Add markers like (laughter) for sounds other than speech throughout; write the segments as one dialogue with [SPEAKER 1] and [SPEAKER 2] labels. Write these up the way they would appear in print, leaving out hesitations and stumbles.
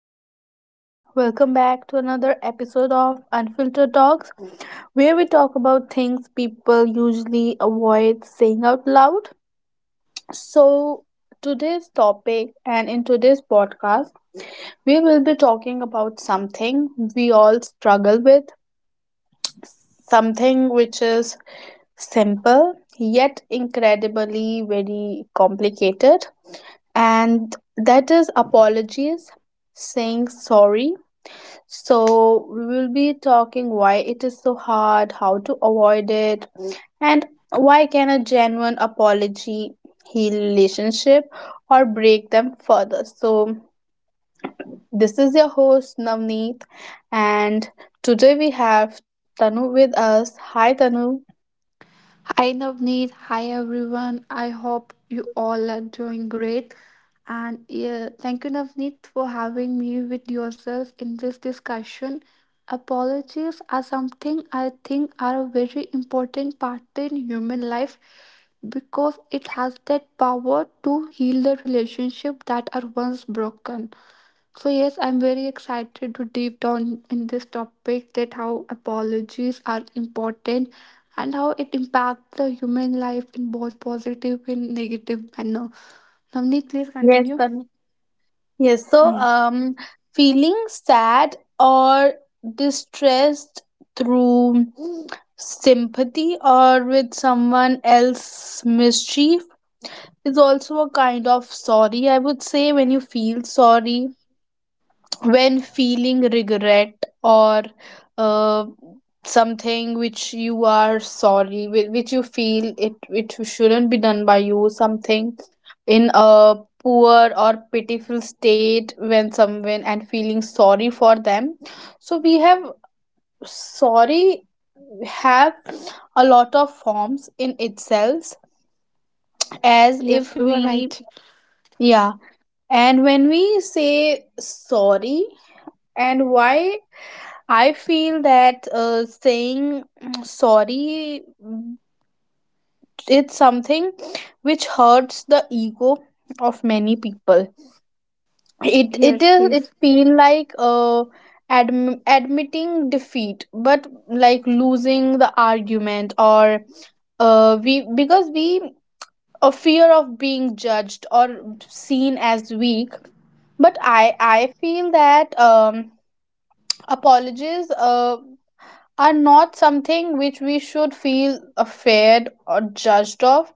[SPEAKER 1] Hello, everyone. Welcome back to another episode of Unfiltered Talks, where we talk about things people usually avoid saying out loud. So, today's topic and in today's podcast, we will be talking about something we all struggle with, something which is simple yet incredibly very complicated, and that is apologies, saying sorry. So, we will be talking why it is so hard, how to avoid it, and why can a genuine apology heal relationship or break them further. So, this is your host Navneet, and today we have Tanu with us. Hi Tanu.
[SPEAKER 2] Hi Navneet, hi everyone. I hope you all are doing great. And yeah, thank you, Navneet, for having me with yourself in this discussion. Apologies are something I think are a very important part in human life because it has that power to heal the relationship that are once broken. So yes, I'm very excited to deep down in this topic that how apologies are important and how it impacts the human life in both positive and negative manner. Navneet, please
[SPEAKER 1] Yes,
[SPEAKER 2] continue.
[SPEAKER 1] Tanu. Yes, so feeling sad or distressed through sympathy or with someone else's mischief is also a kind of sorry. I would say when you feel sorry, when feeling regret or uh, something which you are sorry, which you feel it shouldn't be done by you, something in a poor or pitiful state when someone and feeling sorry for them. So we have sorry, have a lot of forms in itself, as
[SPEAKER 2] Yes,
[SPEAKER 1] if
[SPEAKER 2] you were
[SPEAKER 1] we,
[SPEAKER 2] right.
[SPEAKER 1] yeah, and when we say sorry, and why I feel that saying (clears throat) sorry, it's something which hurts the ego of many people. It it
[SPEAKER 2] Yes,
[SPEAKER 1] is it
[SPEAKER 2] yes.
[SPEAKER 1] feel like admitting defeat, but like losing the argument, or we because we a fear of being judged or seen as weak. But I feel that apologies are not something which we should feel afraid or judged of,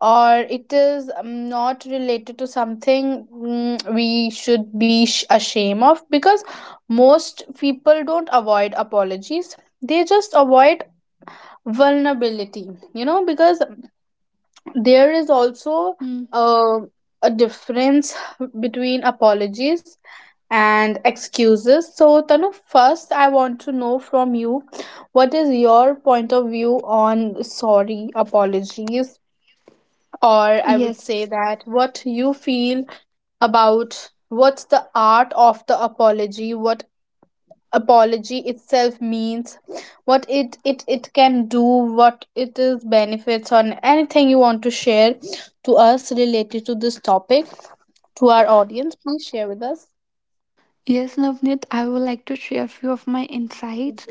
[SPEAKER 1] or it is not related to something we should be ashamed of, because most people don't avoid apologies, they just avoid vulnerability, because there is also
[SPEAKER 2] Hmm.
[SPEAKER 1] uh, a difference (laughs) between apologies and excuses. So, Tanu, first I want to know from you, what is your point of view on sorry apologies, or I would say,
[SPEAKER 2] Yes.
[SPEAKER 1] that what you feel about what's the art of the apology, what apology itself means, what it can do, what it is benefits, on anything you want to share to us related to this topic, to our audience, please share with us.
[SPEAKER 2] Yes, Navneet, I would like to share a few of my insights.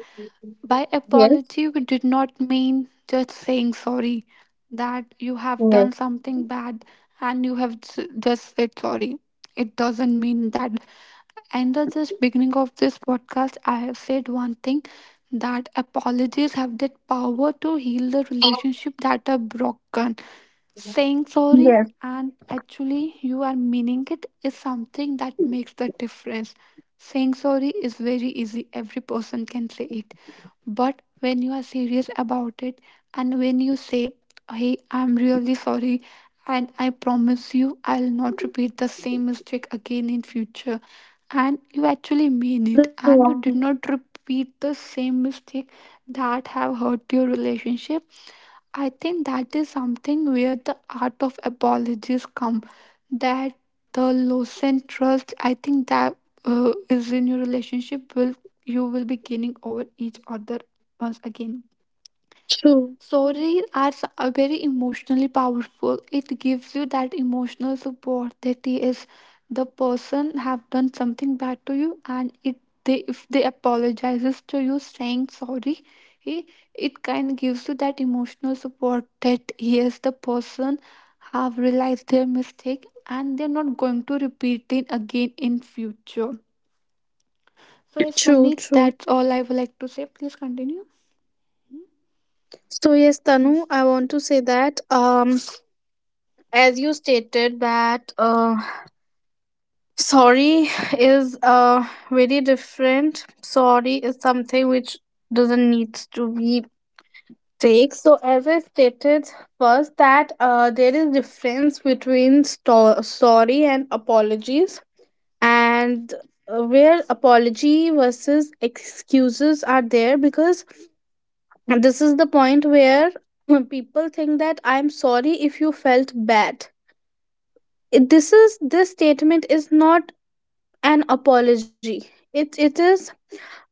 [SPEAKER 2] By
[SPEAKER 1] Yes,
[SPEAKER 2] apology, we did not mean just saying sorry that you have done
[SPEAKER 1] yes,
[SPEAKER 2] something bad and you have just said sorry. It doesn't mean that. In the just beginning of this podcast, I have said one thing that apologies have that power to heal the relationship that are broken. Saying sorry
[SPEAKER 1] yes.
[SPEAKER 2] and actually you are meaning it is something that makes the difference. Saying sorry is very easy, every person can say it, but when you are serious about it and when you say, "Hey, I'm really sorry and I promise you I'll not repeat the same mistake again in future," and you actually mean
[SPEAKER 1] True,
[SPEAKER 2] it and you did not repeat the same mistake that have hurt your relationship, I think that is something where the art of apologies come. That the loss loosened trust, I think that is in your relationship, will you will be gaining over each other once again.
[SPEAKER 1] true,
[SPEAKER 2] Stories are very emotionally powerful. It gives you that emotional support that yes, the person have done something bad to you, and it they if they apologizes to you, saying sorry, eh, it kind of gives you that emotional support that yes, the person have realized their mistake and they're not going to repeat it again in future. So yes,
[SPEAKER 1] true,
[SPEAKER 2] Navneet,
[SPEAKER 1] true.
[SPEAKER 2] that's all I would like to say. Please continue. Hmm.
[SPEAKER 1] So yes, Tanu, I want to say that as you stated that sorry is very different. Sorry is something which doesn't need to be take. So as I stated first, that there is difference between sorry and apologies, and where apology versus excuses are there, because this is the point where, (clears throat) when people think that "I'm sorry if you felt bad," this is, this statement is not an apology. it it is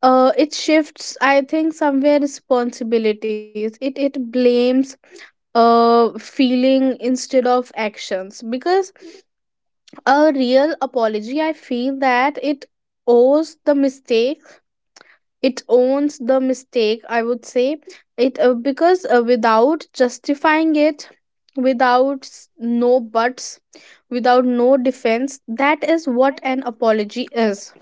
[SPEAKER 1] uh it shifts, I think, somewhere responsibilities, it blames uh feeling instead of actions. Because a real apology, I feel that it owes the mistake, it owns the mistake, I would say, it because without justifying it, without no buts, without no defense, that is what an apology is,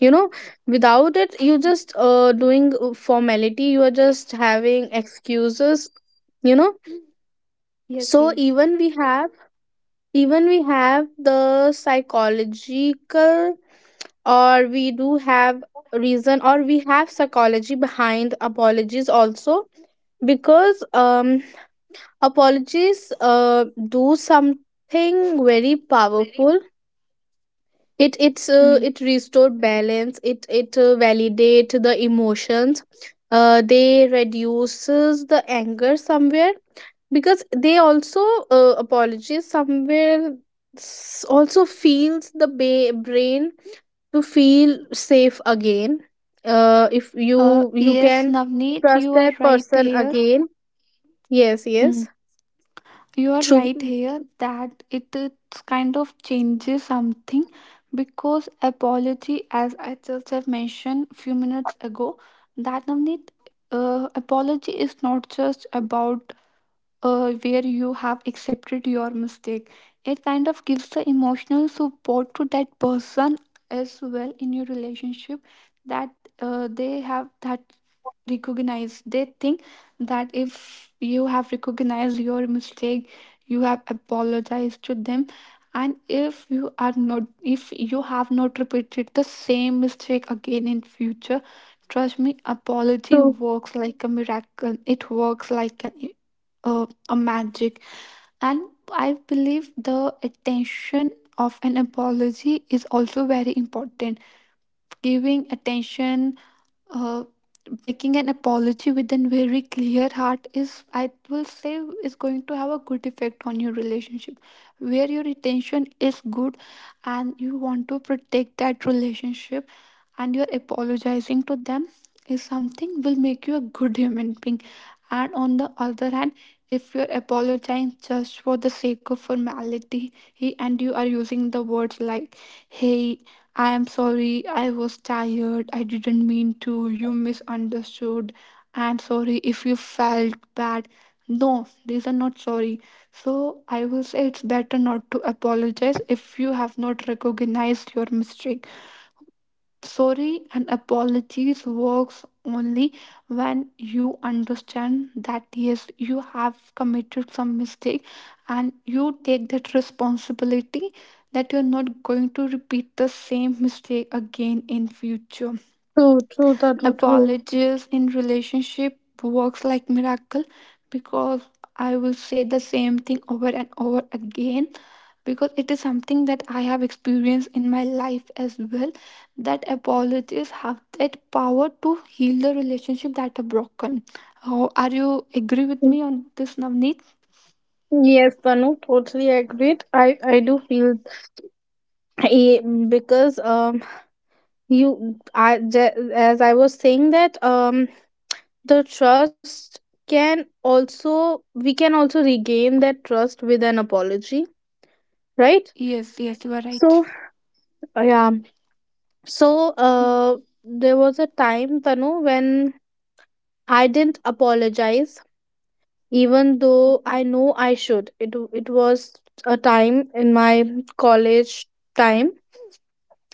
[SPEAKER 1] you know. Without it, you just doing formality, you are just having excuses, you know.
[SPEAKER 2] Yes,
[SPEAKER 1] So
[SPEAKER 2] yes.
[SPEAKER 1] even we have the psychological, or we do have reason, or we have psychology behind apologies also. Because apologies do something very powerful. It's,
[SPEAKER 2] Hmm.
[SPEAKER 1] it restore balance, it validate the emotions. They reduces the anger somewhere, because they also apologize somewhere, also feels the brain to feel safe again. If
[SPEAKER 2] Uh,
[SPEAKER 1] you
[SPEAKER 2] yes,
[SPEAKER 1] can
[SPEAKER 2] Navneet,
[SPEAKER 1] trust
[SPEAKER 2] you are
[SPEAKER 1] that
[SPEAKER 2] right
[SPEAKER 1] person
[SPEAKER 2] here.
[SPEAKER 1] again. Yes,
[SPEAKER 2] Hmm.
[SPEAKER 1] yes.
[SPEAKER 2] You are right
[SPEAKER 1] true
[SPEAKER 2] here that it's kind of changes something because apology, as I just have mentioned few minutes ago, that Navneet, apology is not just about where you have accepted your mistake. It kind of gives the emotional support to that person as well in your relationship that they have that recognized. They think that if you have recognized your mistake, you have apologized to them. And if you are not, if you have not repeated the same mistake again in future, trust me, apology
[SPEAKER 1] true.
[SPEAKER 2] works like a miracle. It works like an uh, a magic, and I believe the attention of an apology is also very important. Giving attention, uh, making an apology with a very clear heart is, I will say, is going to have a good effect on your relationship, where your intention is good and you want to protect that relationship and you're apologizing to them is something will make you a good human being. And on the other hand, if you're apologizing just for the sake of formality he and you are using the words like, "Hey, I am sorry, I was tired. I didn't mean to. You misunderstood. I'm sorry if you felt bad." No, these are not sorry. So I will say it's better not to apologize if you have not recognized your mistake. Sorry and apologies works only when you understand that yes, you have committed some mistake and you take that responsibility that you're not going to repeat the same mistake again in future.
[SPEAKER 1] True, true, Tanu, true.
[SPEAKER 2] Apologies in relationship works like miracle, because I will say the same thing over and over again, because it is something that I have experienced in my life as well, that apologies have that power to heal the relationship that are broken. Oh, are you agree with
[SPEAKER 1] Mm.
[SPEAKER 2] me on this, Navneet?
[SPEAKER 1] Yes, Tanu, totally agreed. I do feel, I, because you, I, as I was saying, that the trust can also, we can also regain that trust with an apology, right?
[SPEAKER 2] Yes, yes, you are right.
[SPEAKER 1] So, yeah. So, there was a time, Tanu, when I didn't apologize, even though
[SPEAKER 2] Okay.
[SPEAKER 1] I know I should. It was a time in my college time,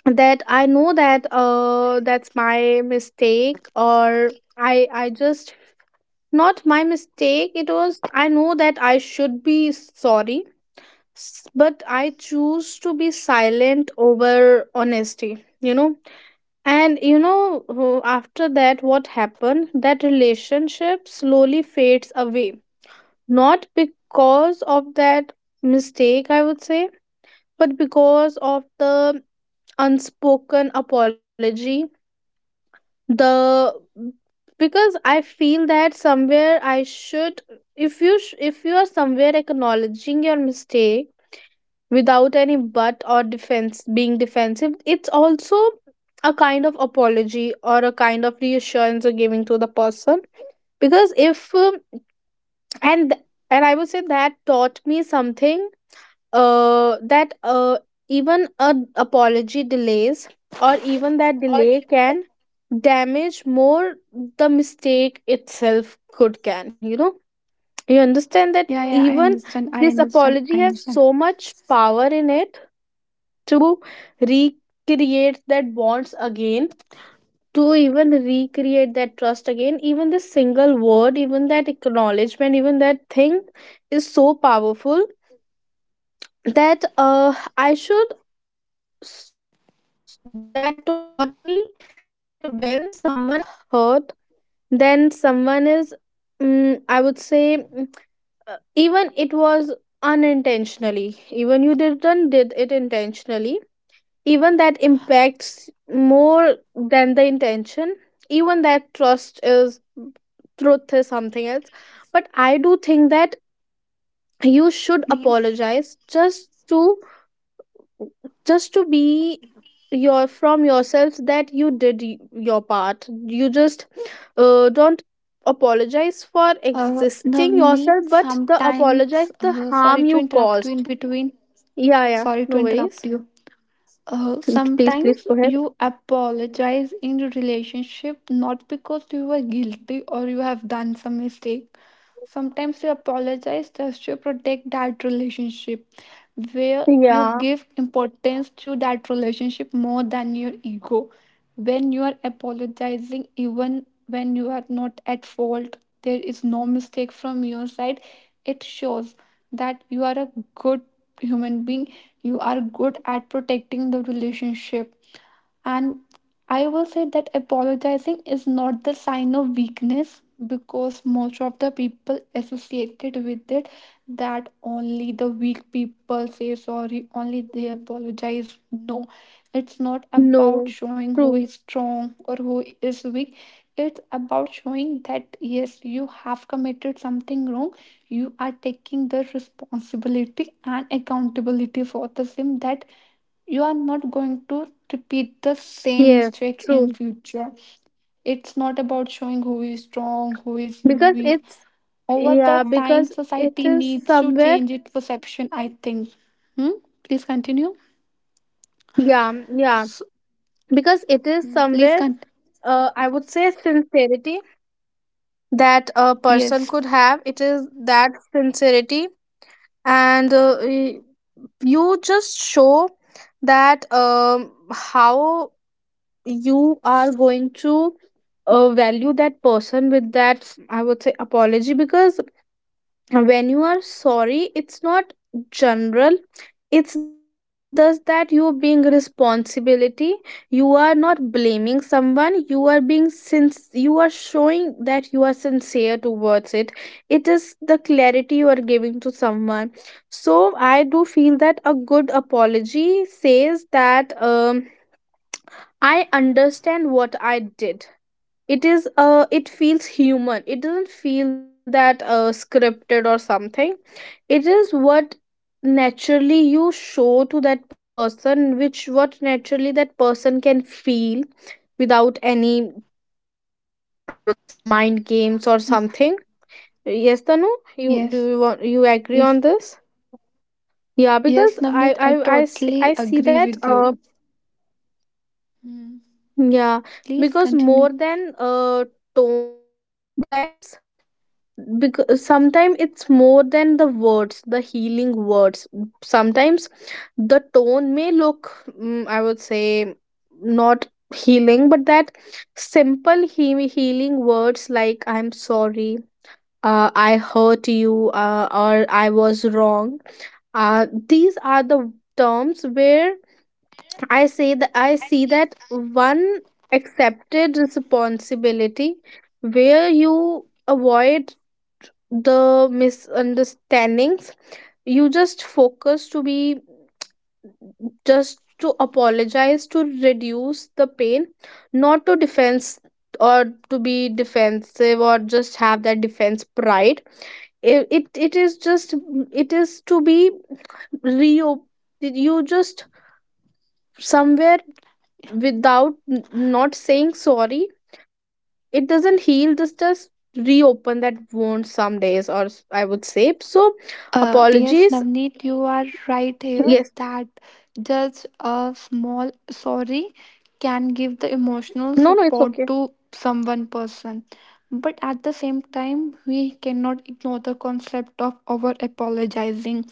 [SPEAKER 1] that I know that that's my mistake, or I just, not my mistake, it was, I know that I should be sorry. But I choose to be silent over honesty, you know. And you know, after that, what happened, that relationship slowly fades away, not because of that mistake, I would say, but because of the unspoken apology. The, mm, because I feel that somewhere I should, if if you are somewhere acknowledging your mistake, without any but or defense, being defensive, it's also a kind of apology, or a kind of reassurance you're giving to the person. Because if and and I would say that taught me something, that even a apology delays, or even that delay can damage more the mistake itself could can, you know. You understand that,
[SPEAKER 2] Yeah, yeah, I
[SPEAKER 1] even
[SPEAKER 2] understand. I
[SPEAKER 1] this
[SPEAKER 2] understand. I
[SPEAKER 1] apology have
[SPEAKER 2] understand.
[SPEAKER 1] so much power in it, to recreate that bonds again, to even recreate that trust again, even the single word, even that acknowledgement, even that thing is so powerful. That I should, that taught me that when someone is hurt, then someone is, mm, I would say mm, even it was unintentionally, even you didn't did it intentionally, even that impacts more than the intention. Even that trust is, truth is something else. But I do think that you should apologize, just to, just to be, your from yourself, that you did your part. You just don't apologize for existing yourself,
[SPEAKER 2] Navneet,
[SPEAKER 1] but the apologize
[SPEAKER 2] sometimes,
[SPEAKER 1] the harm
[SPEAKER 2] sorry
[SPEAKER 1] you
[SPEAKER 2] to interrupt you
[SPEAKER 1] caused.
[SPEAKER 2] in between.
[SPEAKER 1] Yeah, yeah,
[SPEAKER 2] Sorry to
[SPEAKER 1] no
[SPEAKER 2] interrupt
[SPEAKER 1] worries.
[SPEAKER 2] you.
[SPEAKER 1] Please, please
[SPEAKER 2] Sometimes
[SPEAKER 1] go ahead.
[SPEAKER 2] you apologize in relationship not because you were guilty or you have done some mistake. Sometimes you apologize just to protect that relationship, where you
[SPEAKER 1] Yeah,
[SPEAKER 2] give importance to that relationship more than your ego. When you are apologizing, even when you are not at fault, there is no mistake from your side, it shows that you are a good human being, you are good at protecting the relationship, and I will say that apologizing is not the sign of weakness, because most of the people associated with it that only the weak people say sorry, only they apologize. No, it's not about showing who is
[SPEAKER 1] no,
[SPEAKER 2] strong or who
[SPEAKER 1] true.
[SPEAKER 2] is weak. It's about showing that yes, you have committed something wrong. You are taking the responsibility and accountability for the same, that you are not going to repeat the same
[SPEAKER 1] Yes,
[SPEAKER 2] mistake in
[SPEAKER 1] true,
[SPEAKER 2] future. It's not about showing who is strong, who is
[SPEAKER 1] because
[SPEAKER 2] weak.
[SPEAKER 1] it's,
[SPEAKER 2] Over the
[SPEAKER 1] yeah,
[SPEAKER 2] time,
[SPEAKER 1] because it
[SPEAKER 2] society
[SPEAKER 1] is
[SPEAKER 2] needs to
[SPEAKER 1] somewhere,
[SPEAKER 2] change its perception, I think. Hmm? Please continue.
[SPEAKER 1] yeah, yeah,
[SPEAKER 2] So,
[SPEAKER 1] because it is
[SPEAKER 2] hmm, please
[SPEAKER 1] somewhere
[SPEAKER 2] cont,
[SPEAKER 1] I would say sincerity, that a
[SPEAKER 2] yes,
[SPEAKER 1] person could have, it is that sincerity. And you just show that how you are going to value that person with that, I would say, apology. Because when you are sorry, it's not general, it's just that you being responsibility. You are not blaming someone, you are being since, you are showing that you are sincere towards it. It is the clarity you are giving to someone. So I do feel that a good apology says that I understand what I did. It is, it feels human, it doesn't feel that scripted or something. It is what naturally you show to that person, which what naturally that person can feel, without any, I would say, mind games or something. Yes, Tanu, you do,
[SPEAKER 2] yes,
[SPEAKER 1] you want, you agree
[SPEAKER 2] yes,
[SPEAKER 1] on this? Yeah,
[SPEAKER 2] yes,
[SPEAKER 1] because i
[SPEAKER 2] Navneet, I
[SPEAKER 1] i I see,
[SPEAKER 2] totally
[SPEAKER 1] I see
[SPEAKER 2] agree
[SPEAKER 1] that
[SPEAKER 2] with you. Hmm,
[SPEAKER 1] yeah.
[SPEAKER 2] please
[SPEAKER 1] Because
[SPEAKER 2] continue.
[SPEAKER 1] more than tones sometimes, because sometimes it's more than the words, the healing words. Sometimes the tone may look, I would say, not healing, but that simple healing words like "I'm sorry," "I hurt you," or "I was wrong," these are the terms where I say that I see that one accepted responsibility, where you avoid the misunderstandings. You just focus to be, just to apologize to reduce the pain, not to defense, or to be defensive, or just have that defense pride. It is just, it is to be, re, you just somewhere, without not saying sorry, it doesn't heal, this just reopen that wound some days, or I would say so.
[SPEAKER 2] Yes,
[SPEAKER 1] Apologies,
[SPEAKER 2] Navneet, you are right here
[SPEAKER 1] yes.
[SPEAKER 2] that just a small sorry can give the emotional
[SPEAKER 1] No, no, it's
[SPEAKER 2] support
[SPEAKER 1] okay.
[SPEAKER 2] to some one person. But at the same time, we cannot ignore the concept of over apologizing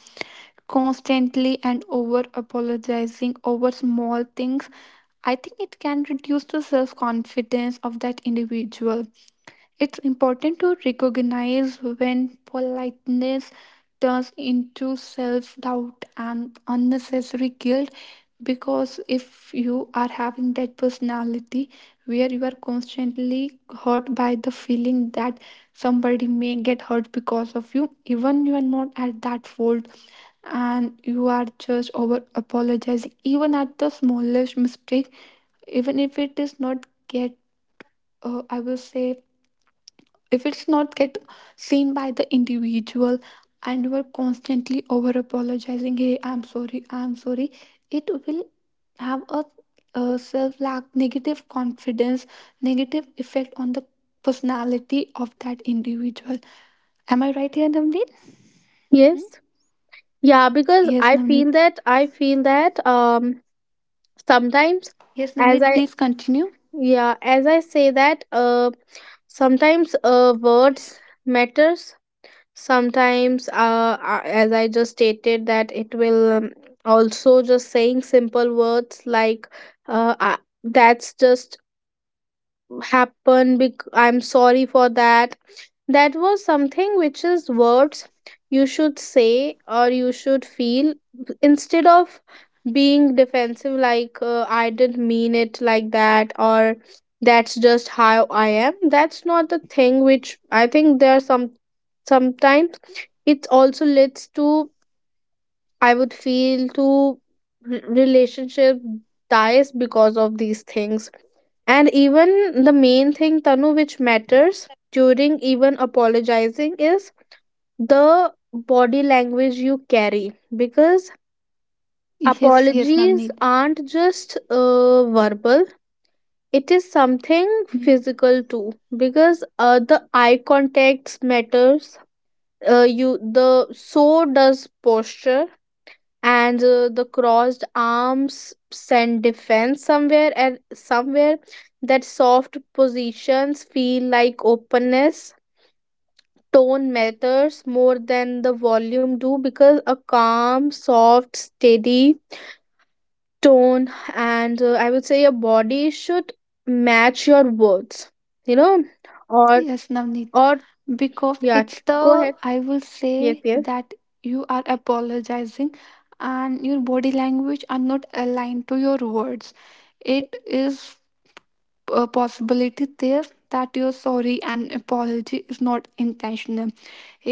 [SPEAKER 2] constantly and over apologizing over small things. I think it can reduce the self confidence of that individual. It's important to recognize when politeness turns into self doubt and unnecessary guilt, because if you are having that personality where you are constantly hurt by the feeling that somebody may get hurt because of you, even you are not at that fault, and you are just over apologizing, even at the smallest mistake, even if it is not get I will say if it's not get seen by the individual, and you are constantly over apologizing, "Hey, I'm sorry, I'm sorry," it will have a self lack negative confidence, negative effect on the personality of that individual. Am I right here, Navneet? Hmm?
[SPEAKER 1] Yes. Yeah, because
[SPEAKER 2] Yes,
[SPEAKER 1] I feel
[SPEAKER 2] Navneet.
[SPEAKER 1] that I feel that sometimes,
[SPEAKER 2] Yes,
[SPEAKER 1] as
[SPEAKER 2] Navneet,
[SPEAKER 1] I,
[SPEAKER 2] please continue.
[SPEAKER 1] yeah, as I say that sometimes words matters. Sometimes as I just stated that it will, also just saying simple words like, uh I- that's just happened, I'm sorry for that. That was something which is words you should say or you should feel, instead of being defensive, like "I didn't mean it like that," or "that's just how I am." That's not the thing, which I think there are some, sometimes it also leads to, I would feel to relationship dies because of these things. And even the main thing, Tanu, which matters during even apologizing, is the body language you carry. Because
[SPEAKER 2] Yes, yes,
[SPEAKER 1] apologies
[SPEAKER 2] Navneet.
[SPEAKER 1] aren't just verbal, it is something
[SPEAKER 2] Hmm.
[SPEAKER 1] physical too, because the eye contacts matters. You, the so does posture, and the crossed arms send defense somewhere, and somewhere that soft positions feel like openness. Tone matters more than the volume do, because a calm, soft, steady tone, and I would say your body should match your words, you know. or
[SPEAKER 2] Yes, Navneet.
[SPEAKER 1] or,
[SPEAKER 2] Because
[SPEAKER 1] yeah,
[SPEAKER 2] it's the,
[SPEAKER 1] go ahead.
[SPEAKER 2] I will say
[SPEAKER 1] Yes, yes.
[SPEAKER 2] that you are apologizing and your body language are not aligned to your words, it is a possibility there that your sorry and apology is not intentional,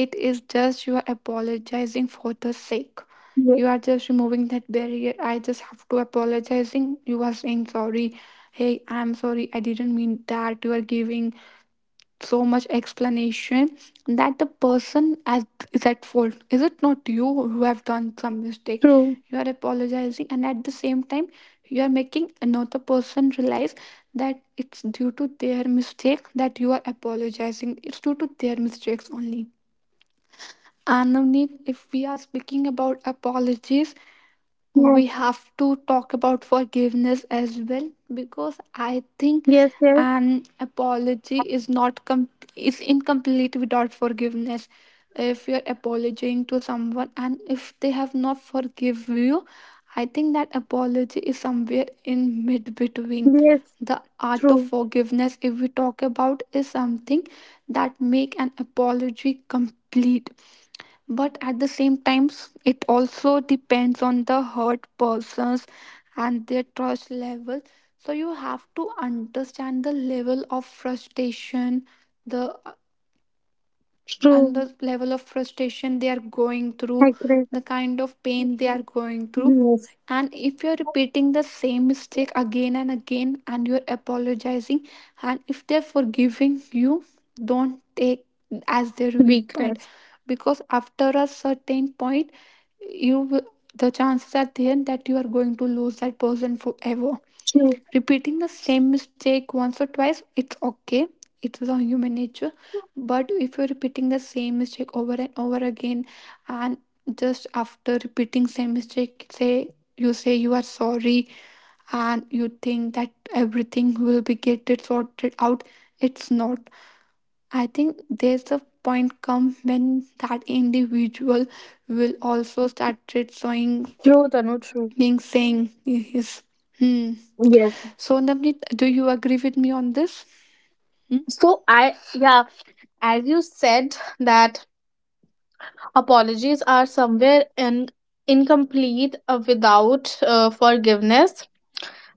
[SPEAKER 2] it is just you are apologizing for the sake.
[SPEAKER 1] Yes,
[SPEAKER 2] You are just removing that barrier. I just have to apologizing, you are saying sorry, "Hey, I'm sorry, I didn't mean that," you are giving so much explanation that the person as is at fault, is it not you who have done some mistake.
[SPEAKER 1] true.
[SPEAKER 2] You are apologizing and at the same time you are making another person realize that it's due to their mistake that you are apologizing, it's due to their mistakes only. And Navneet, if we are speaking about apologies, we have to talk about forgiveness as well, because I think
[SPEAKER 1] Yes, yes,
[SPEAKER 2] an apology
[SPEAKER 1] yes,
[SPEAKER 2] is not com- is incomplete without forgiveness. If you're apologizing to someone and if they have not forgive you, I think that apology is somewhere in mid between.
[SPEAKER 1] yes,
[SPEAKER 2] The art of
[SPEAKER 1] true.
[SPEAKER 2] forgiveness, if we talk about, is something that make an apology complete. But at the same time, it also depends on the hurt persons and their trust level, so you have to understand the level of frustration, the and
[SPEAKER 1] True.
[SPEAKER 2] the level of frustration they are going through,
[SPEAKER 1] Agree.
[SPEAKER 2] the kind of pain they are going through.
[SPEAKER 1] Yes.
[SPEAKER 2] And if you're repeating the same mistake again and again, and you're apologizing, and if they're forgiving you, don't take as their weak point,
[SPEAKER 1] Weakness.
[SPEAKER 2] because after a certain point, you will- the chances are there that you are going to lose that person forever.
[SPEAKER 1] True.
[SPEAKER 2] Repeating the same mistake once or twice, it's okay. It's a human nature. But if you're repeating the same mistake over and over again, and just after repeating same mistake, say you are sorry, and you think that everything will be get it sorted out, it's not. I think there's a point come when that individual will also start showing,
[SPEAKER 1] True, Tanu, true.
[SPEAKER 2] being saying his. Hmm.
[SPEAKER 1] Yes.
[SPEAKER 2] So, Navneet, do you agree with me on this?
[SPEAKER 1] So I, yeah, as you said, that apologies are somewhere in, incomplete without forgiveness.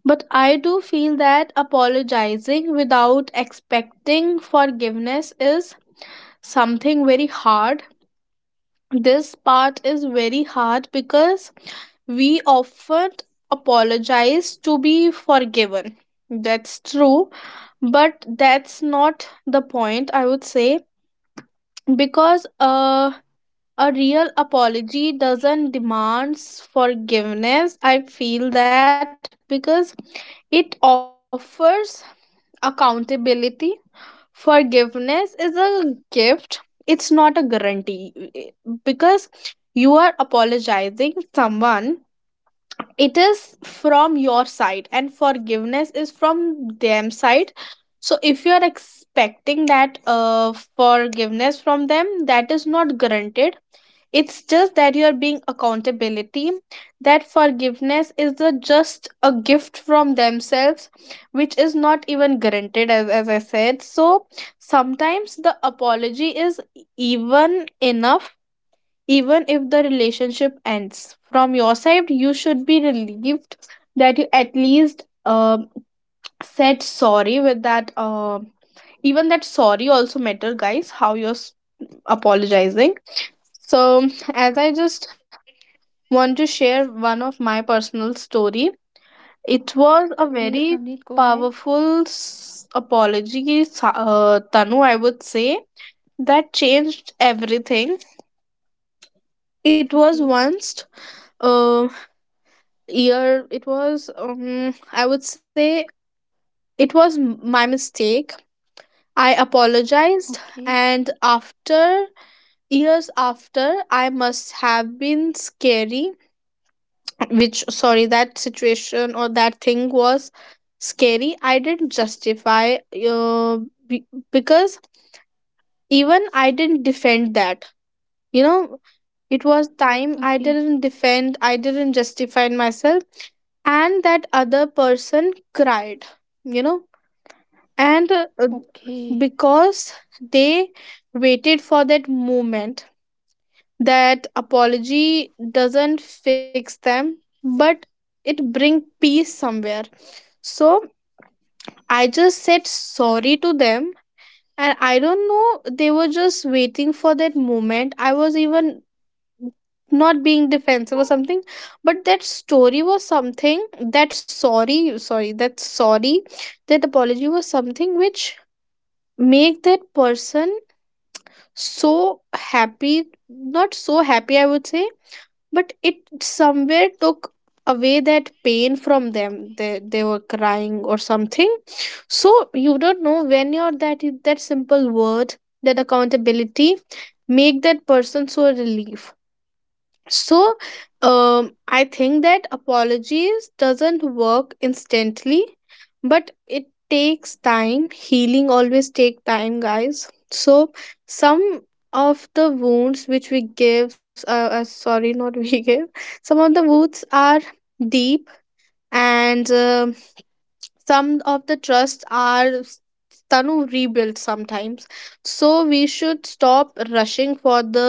[SPEAKER 1] But I do feel that apologizing without expecting forgiveness is something very hard. This part is very hard because we often apologize to be forgiven. That's true, but that's not the point, I would say, because a real apology doesn't demands forgiveness, I feel that, because it offers accountability. Forgiveness is a gift, it's not a guarantee, because you are apologizing someone, it is from your side and forgiveness is from them side. So if you are expecting that forgiveness from them, that is not granted. It's just that you are being accountability, that forgiveness is the just a gift from themselves, which is not even granted as I said. So sometimes the apology is even enough. Even if the relationship ends from your side, you should be relieved that you at least said sorry with that. Even that sorry also matter, guys, how you're apologizing. So, as I just want to share one of my personal story. It was a
[SPEAKER 2] Please,
[SPEAKER 1] very
[SPEAKER 2] Navneet, go ahead.
[SPEAKER 1] powerful apology Tanu, I would say, that changed everything. It was
[SPEAKER 2] Okay,
[SPEAKER 1] once, um year, it was, I would say, it was my mistake. I apologized,
[SPEAKER 2] okay,
[SPEAKER 1] and after years after, I must have been scary, which sorry that situation or that thing was scary. I didn't justify, uh, be- because even I didn't defend that, you know. It was time, I
[SPEAKER 2] okay,
[SPEAKER 1] didn't defend, I didn't justify myself, and that other person cried, you know. And
[SPEAKER 2] okay.
[SPEAKER 1] because they waited for that moment. That apology doesn't fix them, but it bring peace somewhere. So I just said sorry to them, and I don't know, they were just waiting for that moment. I was even not being defensive or something, but that story was something, that sorry, that apology was something which make that person so happy, not so happy, I would say, but it somewhere took away that pain from them. They were crying or something. So you don't know when you're that simple word, that accountability, make that person so relief. So, I think that apologies doesn't work instantly, but it takes time. Healing always take time, guys. So some of the wounds which we give, sorry, (laughs) not we give, some of the wounds are deep, and some of the trusts are Tanu rebuilt sometimes. So we should stop rushing for the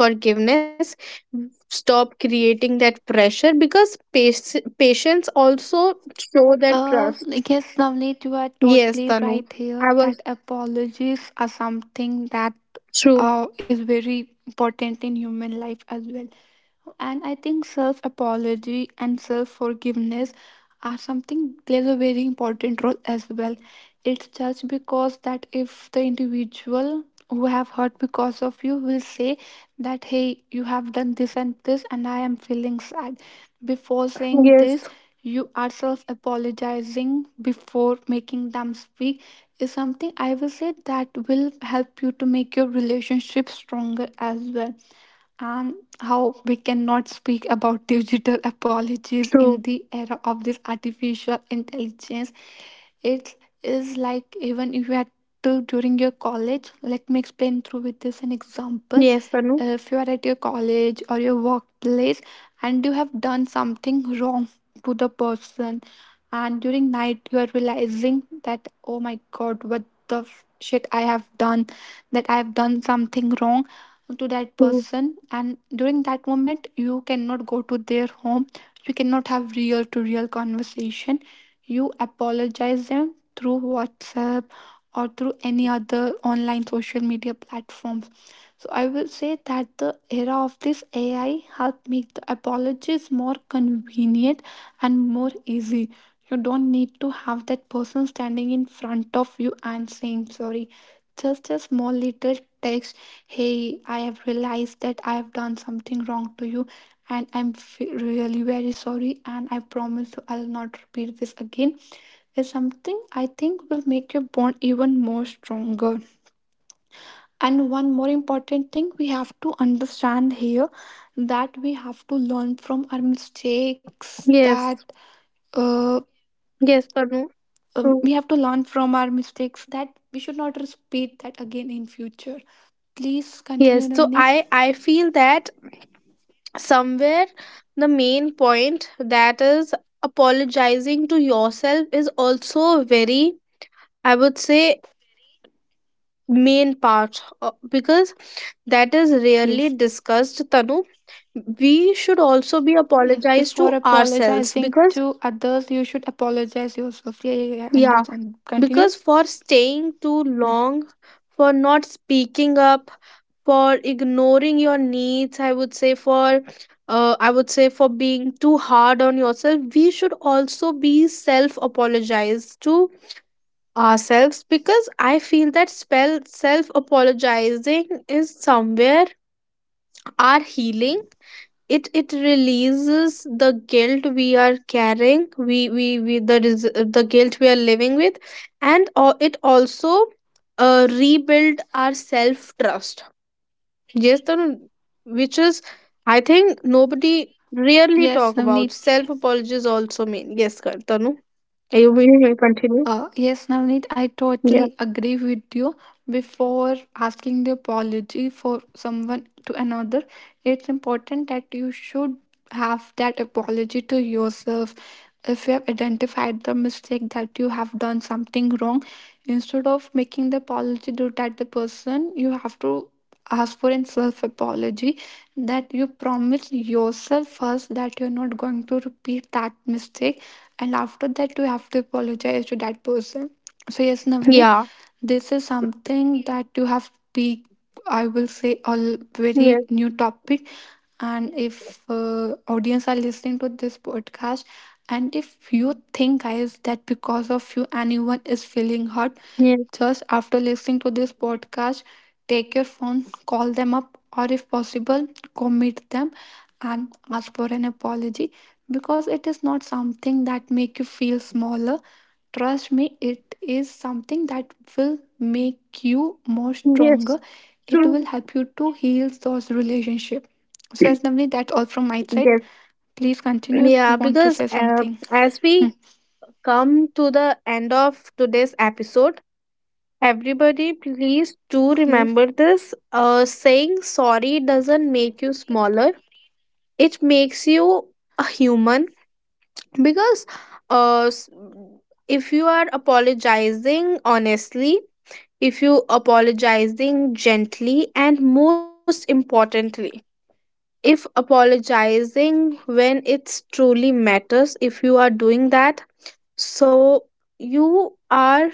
[SPEAKER 1] forgiveness, stop creating that pressure, because patients also show that
[SPEAKER 2] Uh,
[SPEAKER 1] trust.
[SPEAKER 2] like, yes, Navneet, you are
[SPEAKER 1] Yes,
[SPEAKER 2] totally
[SPEAKER 1] Tanu,
[SPEAKER 2] right here
[SPEAKER 1] I was
[SPEAKER 2] that apologies are something that
[SPEAKER 1] true.
[SPEAKER 2] is very important in human life as well. And I think self apology and self forgiveness are something plays a very important role as well. It's just because that if the individual who have hurt because of you will say that, "Hey, you have done this and this and I am feeling sad." Before saying
[SPEAKER 1] Yes,
[SPEAKER 2] this, you are self apologizing before making them speak is something I will say that will help you to make your relationship stronger as well. And how we cannot speak about digital apologies in
[SPEAKER 1] true.
[SPEAKER 2] the era of this artificial intelligence. It is like even if you had to during your college, let me explain through with this an example.
[SPEAKER 1] Yes, Tanu,
[SPEAKER 2] If you are at your college or your workplace and you have done something wrong to the person, and during night you are realizing that, "Oh my god, what shit I have done," that I have done something wrong to that
[SPEAKER 1] true.
[SPEAKER 2] person, and during that moment you cannot go to their home, you cannot have real to real conversation, you apologize them through WhatsApp or through any other online social media platforms. So I will say that the era of this AI helped make the apologies more convenient and more easy. You don't need to have that person standing in front of you and saying sorry. Just a small little text, "Hey, I have realized that I have done something wrong to you, and really very sorry, and I promise you I'll not repeat this again," is something I think will make your bond even more stronger. And one more important thing we have to understand here, that we have to learn from our mistakes,
[SPEAKER 1] Yes.
[SPEAKER 2] that uh,
[SPEAKER 1] Yes, Tanu, true.
[SPEAKER 2] we have to learn from our mistakes, that we should not repeat that again in future. Please continue,
[SPEAKER 1] Yes, so
[SPEAKER 2] Navneet.
[SPEAKER 1] I feel that somewhere the main point, that is apologizing to yourself, is also a very, I would say, main part, because that is rarely
[SPEAKER 2] Yes.
[SPEAKER 1] discussed, Tanu. We should also be
[SPEAKER 2] Yes,
[SPEAKER 1] apologized to
[SPEAKER 2] before
[SPEAKER 1] ourselves,
[SPEAKER 2] apologizing
[SPEAKER 1] because
[SPEAKER 2] to others, you should apologize yourself. Yeah, yeah, yeah. I
[SPEAKER 1] yeah,
[SPEAKER 2] understand. Continue.
[SPEAKER 1] because for staying too
[SPEAKER 2] Mm.
[SPEAKER 1] long, for not speaking up, for ignoring your needs, I would say, for I would say for being too hard on yourself, we should also be self apologize to ourselves, because I feel that spell self apologizing is somewhere our healing. It releases the guilt we are carrying. The guilt we are living with, and it also rebuild our self trust. Yes, Tarun, which is, I think, nobody really
[SPEAKER 2] Yes,
[SPEAKER 1] talk about.
[SPEAKER 2] Navneet.
[SPEAKER 1] Self apologies also mean. Yes, Tanu. You may continue.
[SPEAKER 2] Yes, Navneet, I
[SPEAKER 1] Yeah.
[SPEAKER 2] totally agree with you. Before asking the apology for someone to another, it's important that you should have that apology to yourself. If you have identified the mistake that you have done something wrong, instead of making the apology to that the person, you have to ask for a self apology, that you promise yourself first that you're not going to repeat that mistake, and after that you have to apologize to that person. So yes, Navneet,
[SPEAKER 1] Yeah.
[SPEAKER 2] this is something that you have be, I will say very
[SPEAKER 1] Yes.
[SPEAKER 2] new topic. And if audience are listening to this podcast, and if you think guys that because of you anyone is feeling hurt,
[SPEAKER 1] Yes.
[SPEAKER 2] just after listening to this podcast, take your phone, call them up, or if possible go meet them and ask for an apology, because it is not something that make you feel smaller. Trust me, it is something that will make you more
[SPEAKER 1] Yes.
[SPEAKER 2] stronger. It will
[SPEAKER 1] True.
[SPEAKER 2] help you to heal those relationship. So as
[SPEAKER 1] (clears throat)
[SPEAKER 2] Navni, that's all from my side.
[SPEAKER 1] Yes.
[SPEAKER 2] Please continue if you
[SPEAKER 1] Yeah,
[SPEAKER 2] want to
[SPEAKER 1] because
[SPEAKER 2] say something.
[SPEAKER 1] as
[SPEAKER 2] Hmm,
[SPEAKER 1] we come to the end of today's episode, everybody, please do
[SPEAKER 2] yes.
[SPEAKER 1] remember this. Saying sorry doesn't make you smaller. It makes you a human, because uh s- if you are apologizing honestly, if you apologizing gently, and most importantly, if apologizing when it's truly matters, if you are doing that, so you are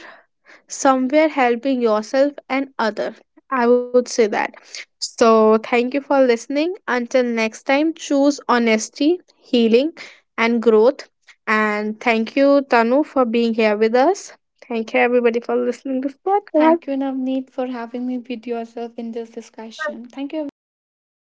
[SPEAKER 1] somewhere helping yourself and other, I would say that. So thank you for listening. Until next time, choose honesty, healing, and growth. And thank you, Tanu, for being here with us. Thank you, everybody, for listening to this
[SPEAKER 2] Thank
[SPEAKER 1] podcast.
[SPEAKER 2] you, Navneet, for having me with yourself in this discussion. Thank you, everyone. Thank you, Navneet.